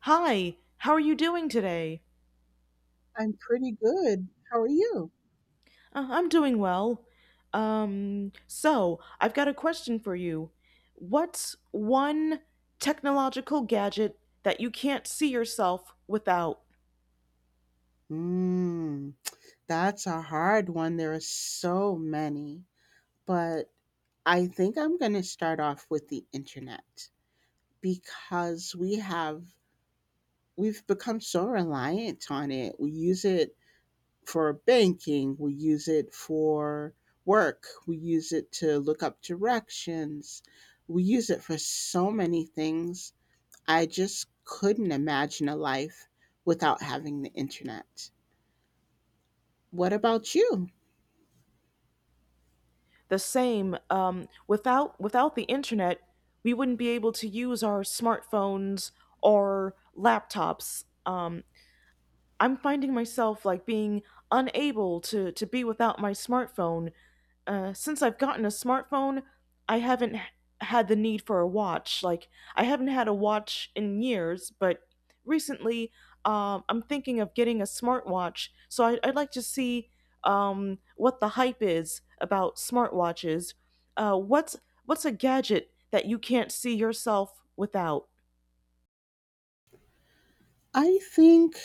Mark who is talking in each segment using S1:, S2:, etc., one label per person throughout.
S1: Hi, how are you doing today?
S2: I'm pretty good. How are you?
S1: I'm doing well. I've got a question for you. What's one technological gadget that you can't see yourself without?
S2: Mm, that's a hard one. There are so many, but I think I'm going to start off with the internet because we've become so reliant on it. We use it for banking, we use it for work, we use it to look up directions. We use it for so many things. I just couldn't imagine a life without having the internet. What about you?
S1: The same, without the internet, we wouldn't be able to use our smartphones or laptops. I'm finding myself like being unable to be without my smartphone since I've gotten a smartphone, I haven't h- had the need for a watch. Like, I haven't had a watch in years, but recently I'm thinking of getting a smartwatch. I'd like to see what the hype is about smartwatches. Uh, what's what's a gadget that you can't see yourself without?
S2: I think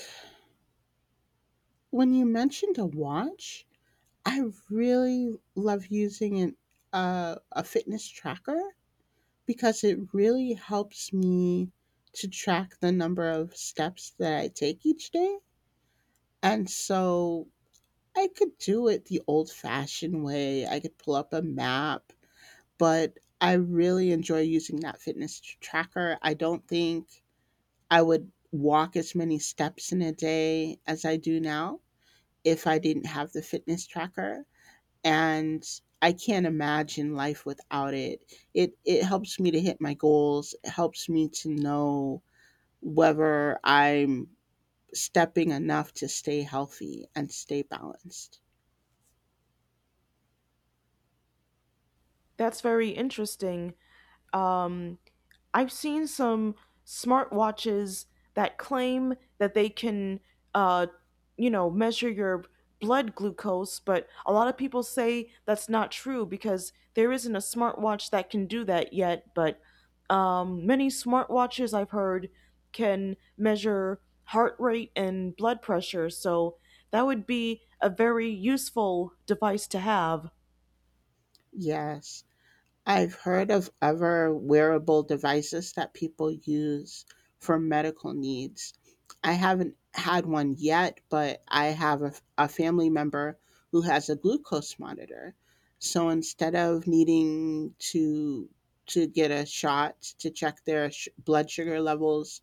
S2: when you mentioned a watch, I really love using a fitness tracker because it really helps me to track the number of steps that I take each day. And so I could do it the old fashioned way, I could pull up a map, but I really enjoy using that tracker. I don't think I would walk as many steps in a day as I do now if I didn't have the fitness tracker. And I can't imagine life without it. It helps me to hit my goals. It helps me to know whether I'm stepping enough to stay healthy and stay balanced.
S1: That's very interesting. Um, I've seen some smartwatches that claim that they can, uh, measure your blood glucose, but a lot of people say that's not true because there isn't a smartwatch that can do that yet. But many smartwatches I've heard can measure heart rate and blood pressure, so that would be a very useful device to have.
S2: Yes. I've heard of other wearable devices that people use for medical needs. I haven't had one yet, but I have a family member who has a glucose monitor. So instead of needing to get a shot to check their blood sugar levels,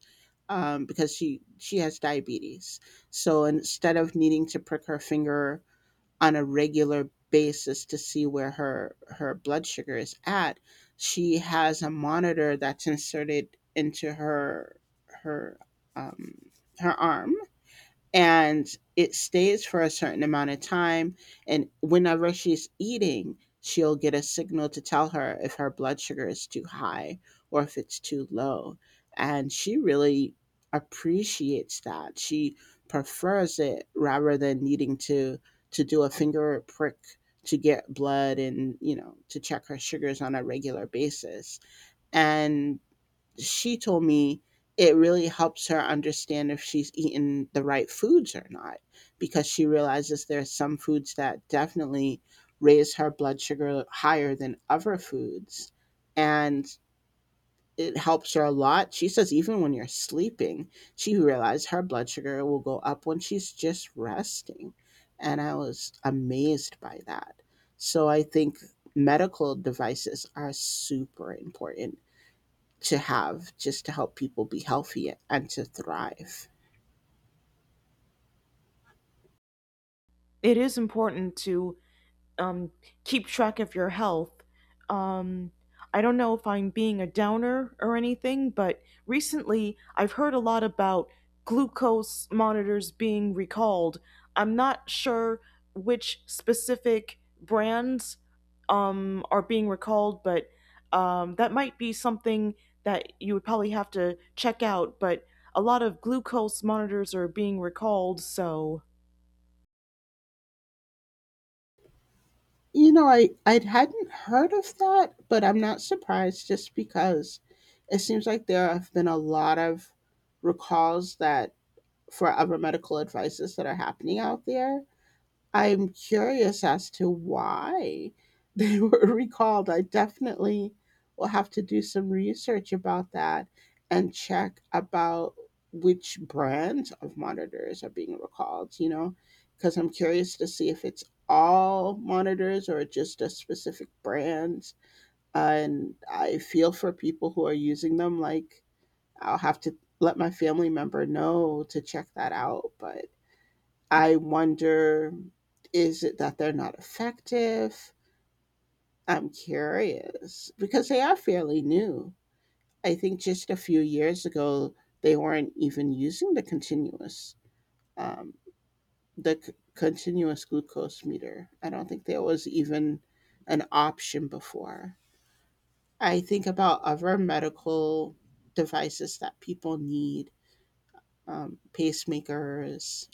S2: because she has diabetes, so instead of needing to prick her finger on a regular basis to see where her blood sugar is at, she has a monitor that's inserted into her um her arm, and it stays for a certain amount of time. And whenever she's eating, she'll get a signal to tell her if her blood sugar is too high or if it's too low. And she really appreciates that. She prefers it rather than needing to do a finger prick to get blood and to check her sugars on a regular basis. And she told me it really helps her understand if she's eaten the right foods or not because she realizes there's some foods that definitely raise her blood sugar higher than other foods, and it helps her a lot. She says even when you're sleeping, she realized her blood sugar will go up when she's just resting. And I was amazed by that. So I think medical devices are super important to have just to help people be healthy and to thrive.
S1: It is important to um, keep track of your health. Um, I don't know if I'm being a downer or anything, but recently I've heard a lot about glucose monitors being recalled. I'm not sure which specific brands are being recalled, but that might be something that you would probably have to check out. But a lot of glucose monitors are being recalled, so
S2: I hadn't heard of that, but I'm not surprised just because it seems like there have been a lot of recalls that for other medical advices that are happening out there. I'm curious as to why they were recalled. I definitely will have to do some research about that and check about which brands of monitors are being recalled, you know, because I'm curious to see if it's all monitors or just a specific brand. And I feel for people who are using them, like, I'll have to let my family member know to check that out. But I wonder, is it that they're not effective? I'm curious because they are fairly new. I think just a few years ago, they weren't even using um, the continuous glucose meter. I don't think there was even an option before. I think about other medical devices that people need, pacemakers,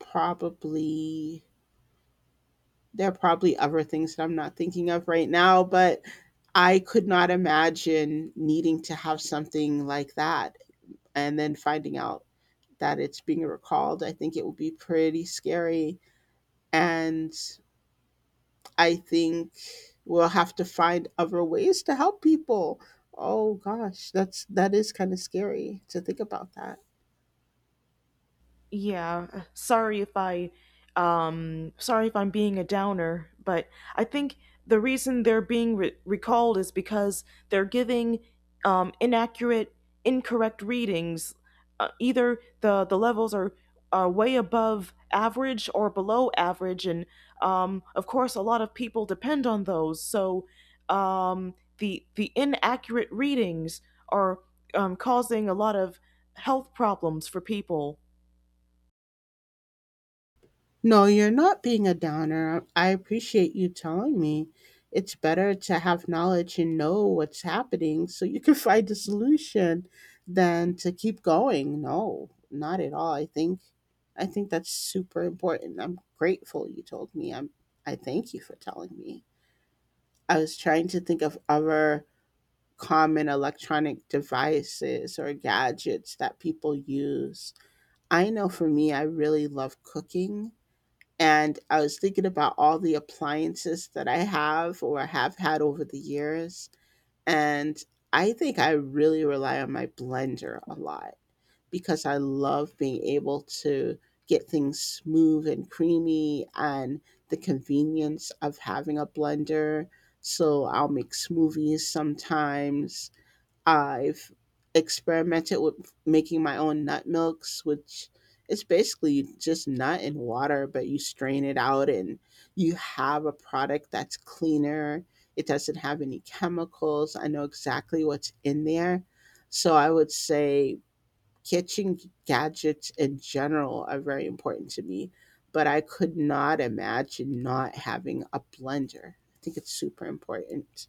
S2: probably. There are probably other things that I'm not thinking of right now, but I could not imagine needing to have something like that and then finding out that it's being recalled. I think it would be pretty scary. And I think we'll have to find other ways to help people. Oh gosh, that is kind of scary to think about that.
S1: yeah, sorry if I sorry if I'm being a downer, but I think the reason they're being recalled is because they're giving inaccurate, incorrect readings. Either the levels are way above average or below average, and of course a lot of people depend on those. So the inaccurate readings are causing a lot of health problems for people.
S2: No, you're not being a downer. I appreciate you telling me. It's better to have knowledge and know what's happening so you can find a solution than to keep going. No, not at all. I think that's super important. I'm grateful you told me. I thank you for telling me. I was trying to think of other common electronic devices or gadgets that people use. I know for me I really love cooking, and I was thinking about all the appliances that I have or have had over the years. And I think I really rely on my blender a lot because I love being able to get things smooth and creamy, and the convenience of having a blender. So I'll make smoothies sometimes. I've experimented with making my own nut milks, which is basically just nut and water, but you strain it out and you have a product that's cleaner. It doesn't have any chemicals. I know exactly what's in there. So I would say kitchen gadgets in general are very important to me, but I could not imagine not having a blender. I think it's super important.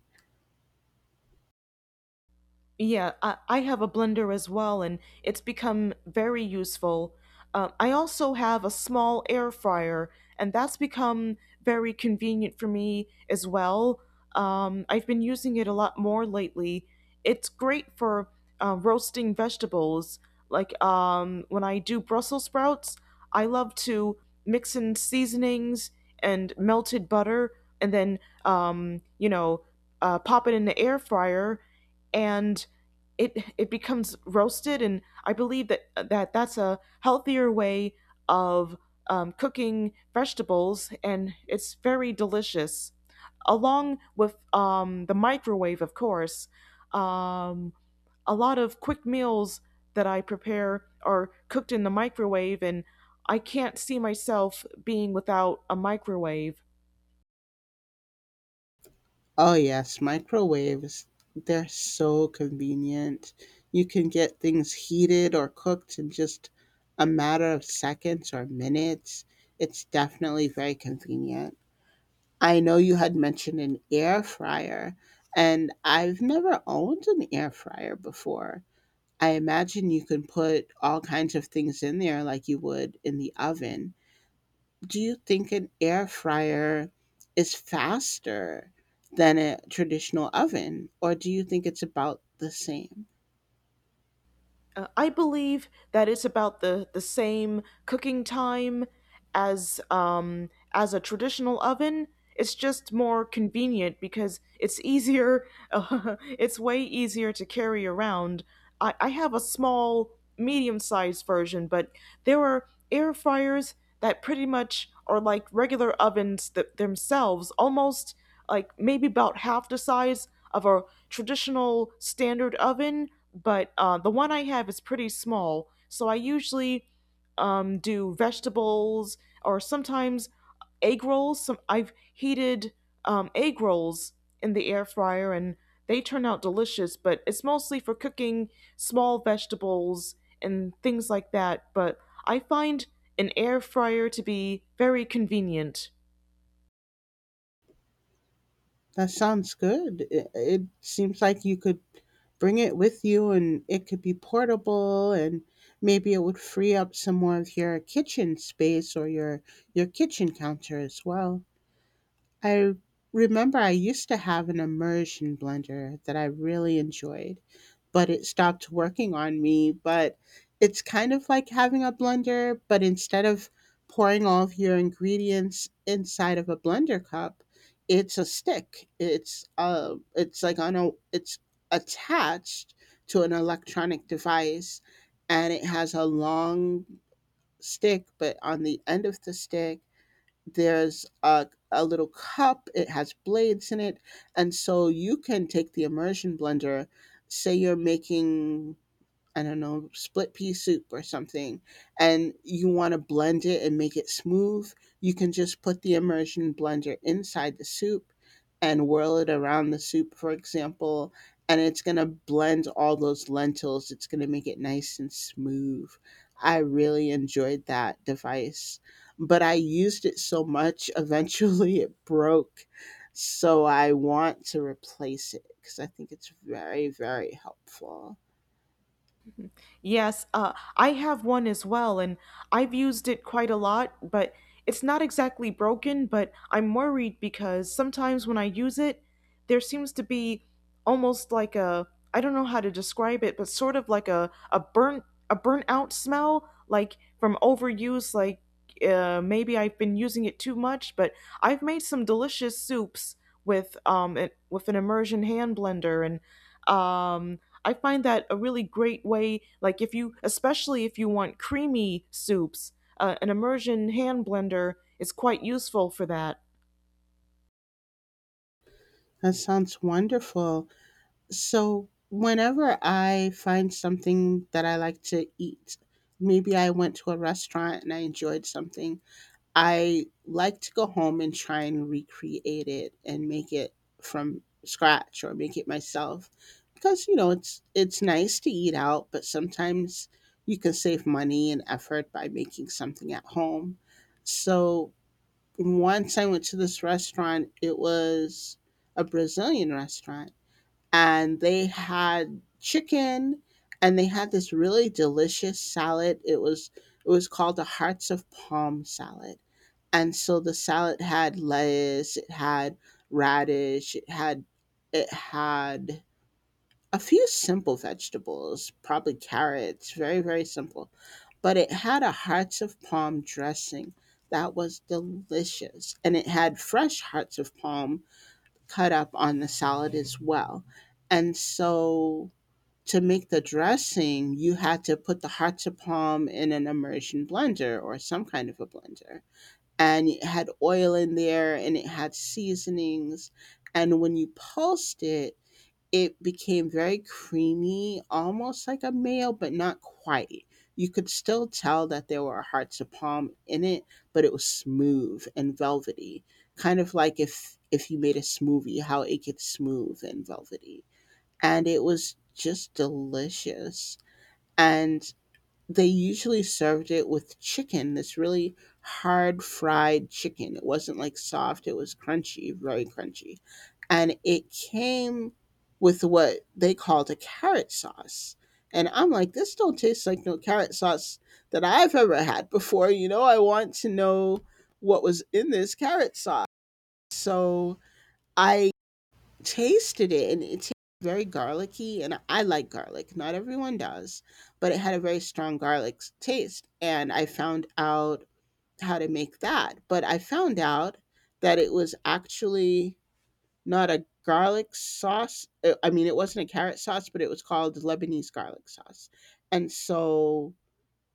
S1: Yeah, I have a blender as well, and it's become very useful. I also have a small air fryer, and that's become very convenient for me as well. I've been using it a lot more lately. It's great for roasting vegetables. When I do Brussels sprouts, I love to mix in seasonings and melted butter, and then, um, you know, pop it in the air fryer, and it becomes roasted, and I believe that that's a healthier way of cooking vegetables, and it's very delicious. Along with the microwave, of course, um, a lot of quick meals that I prepare are cooked in the microwave, and I can't see myself being without a microwave.
S2: Oh yes, microwaves, they're so convenient. You can get things heated or cooked in just a matter of seconds or minutes. It's definitely very convenient. I know you had mentioned an air fryer, and I've never owned an air fryer before. I imagine you can put all kinds of things in there like you would in the oven. Do you think an air fryer is faster than a traditional oven, or do you think it's about the same?
S1: I believe that it's about the same cooking time as a traditional oven. It's just more convenient because it's easier. It's way easier to carry around. I have a small, medium sized version, but there are air fryers that pretty much are like regular ovens themselves, almost like maybe about half the size of a traditional standard oven, but the one I have is pretty small, so I usually do vegetables or sometimes egg rolls. Some I've heated egg rolls in the air fryer, and they turn out delicious. But it's mostly for cooking small vegetables and things like that. But I find an air fryer to be very convenient.
S2: That sounds good. It seems like you could bring it with you and it could be portable, and maybe it would free up some more of your kitchen space or your kitchen counter as well. I remember I used to have an immersion blender that I really enjoyed, but it stopped working on me. But it's kind of like having a blender, but instead of pouring all of your ingredients inside of a blender cup, it's a stick. It's like on a it's attached to an electronic device, and it has a long stick, but on the end of the stick there's a little cup, it has blades in it, and so you can take the immersion blender, say you're making, I don't know, split pea soup or something, and you want to blend it and make it smooth, you can just put the immersion blender inside the soup and whirl it around the soup, for example, and it's going to blend all those lentils. It's going to make it nice and smooth. I really enjoyed that device, but I used it so much, eventually it broke. So I want to replace it because I think it's very, very helpful.
S1: Yes, I have one as well, and I've used it quite a lot, but it's not exactly broken, but I'm worried because sometimes when I use it, there seems to be almost I don't know how to describe it, but sort of like a, a burnt out smell, like from overuse, like maybe I've been using it too much, but I've made some delicious soups with with an immersion hand blender, and um I find that a really great way. Like if you, especially if you want creamy soups, an immersion hand blender is quite useful for that.
S2: That sounds wonderful. So, whenever I find something that I like to eat, maybe I went to a restaurant and I enjoyed something, I like to go home and try and recreate it and make it from scratch or make it myself because you know it's nice to eat out, but sometimes you can save money and effort by making something at home. So, once I went to this restaurant, it was a Brazilian restaurant, and they had chicken and they had this really delicious salad. It was called the Hearts of Palm salad. And so the salad had lettuce, it had radish, it had a few simple vegetables, probably carrots, very, very simple. But it had a hearts of palm dressing that was delicious. And it had fresh hearts of palm cut up on the salad as well. And so to make the dressing, you had to put the hearts of palm in an immersion blender or some kind of a blender. And it had oil in there and it had seasonings. And when you pulsed it, it became very creamy, almost like a mayo, but not quite. You could still tell that there were hearts of palm in it, but it was smooth and velvety, kind of like if you made a smoothie, how it gets smooth and velvety. And it was just delicious. And they usually served it with chicken, this really hard fried chicken. It wasn't like soft, it was crunchy, very crunchy. And it came with what they called a carrot sauce. And I'm like, this don't taste like no carrot sauce that I've ever had before. You know, I want to know what was in this carrot sauce. So I tasted it and it tasted very garlicky, and I like garlic. Not everyone does, but it had a very strong garlic taste, and I found out how to make that. But I found out that it was actually not a garlic sauce. I mean, it wasn't a carrot sauce, but it was called Lebanese garlic sauce. And so,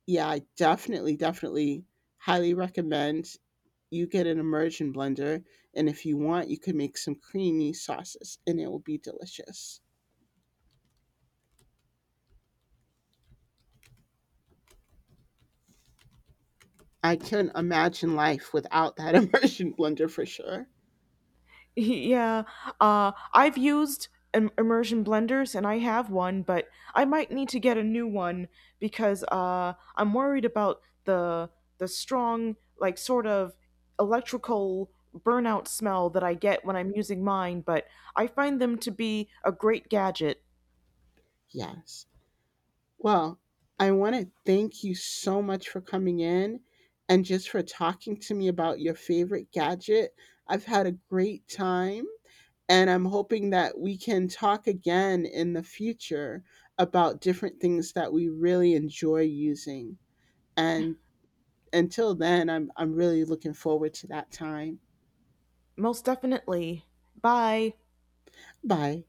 S2: yeah, I definitely highly recommend you get an immersion blender, and if you want you can make some creamy sauces and it will be delicious. I can imagine life without that immersion blender for sure.
S1: Yeah, I've used immersion blenders and I have one, but I might need to get a new one because I'm worried about the strong, like sort of electrical burnout smell that I get when I'm using mine. But I find them to be a great gadget,
S2: Yes. Well, I want to thank you so much for coming in and just for talking to me about your favorite gadget. I've had a great time, and I'm hoping that we can talk again in the future about different things that we really enjoy using, and until then, I'm really looking forward to that time.
S1: most definitely. Bye.
S2: Bye.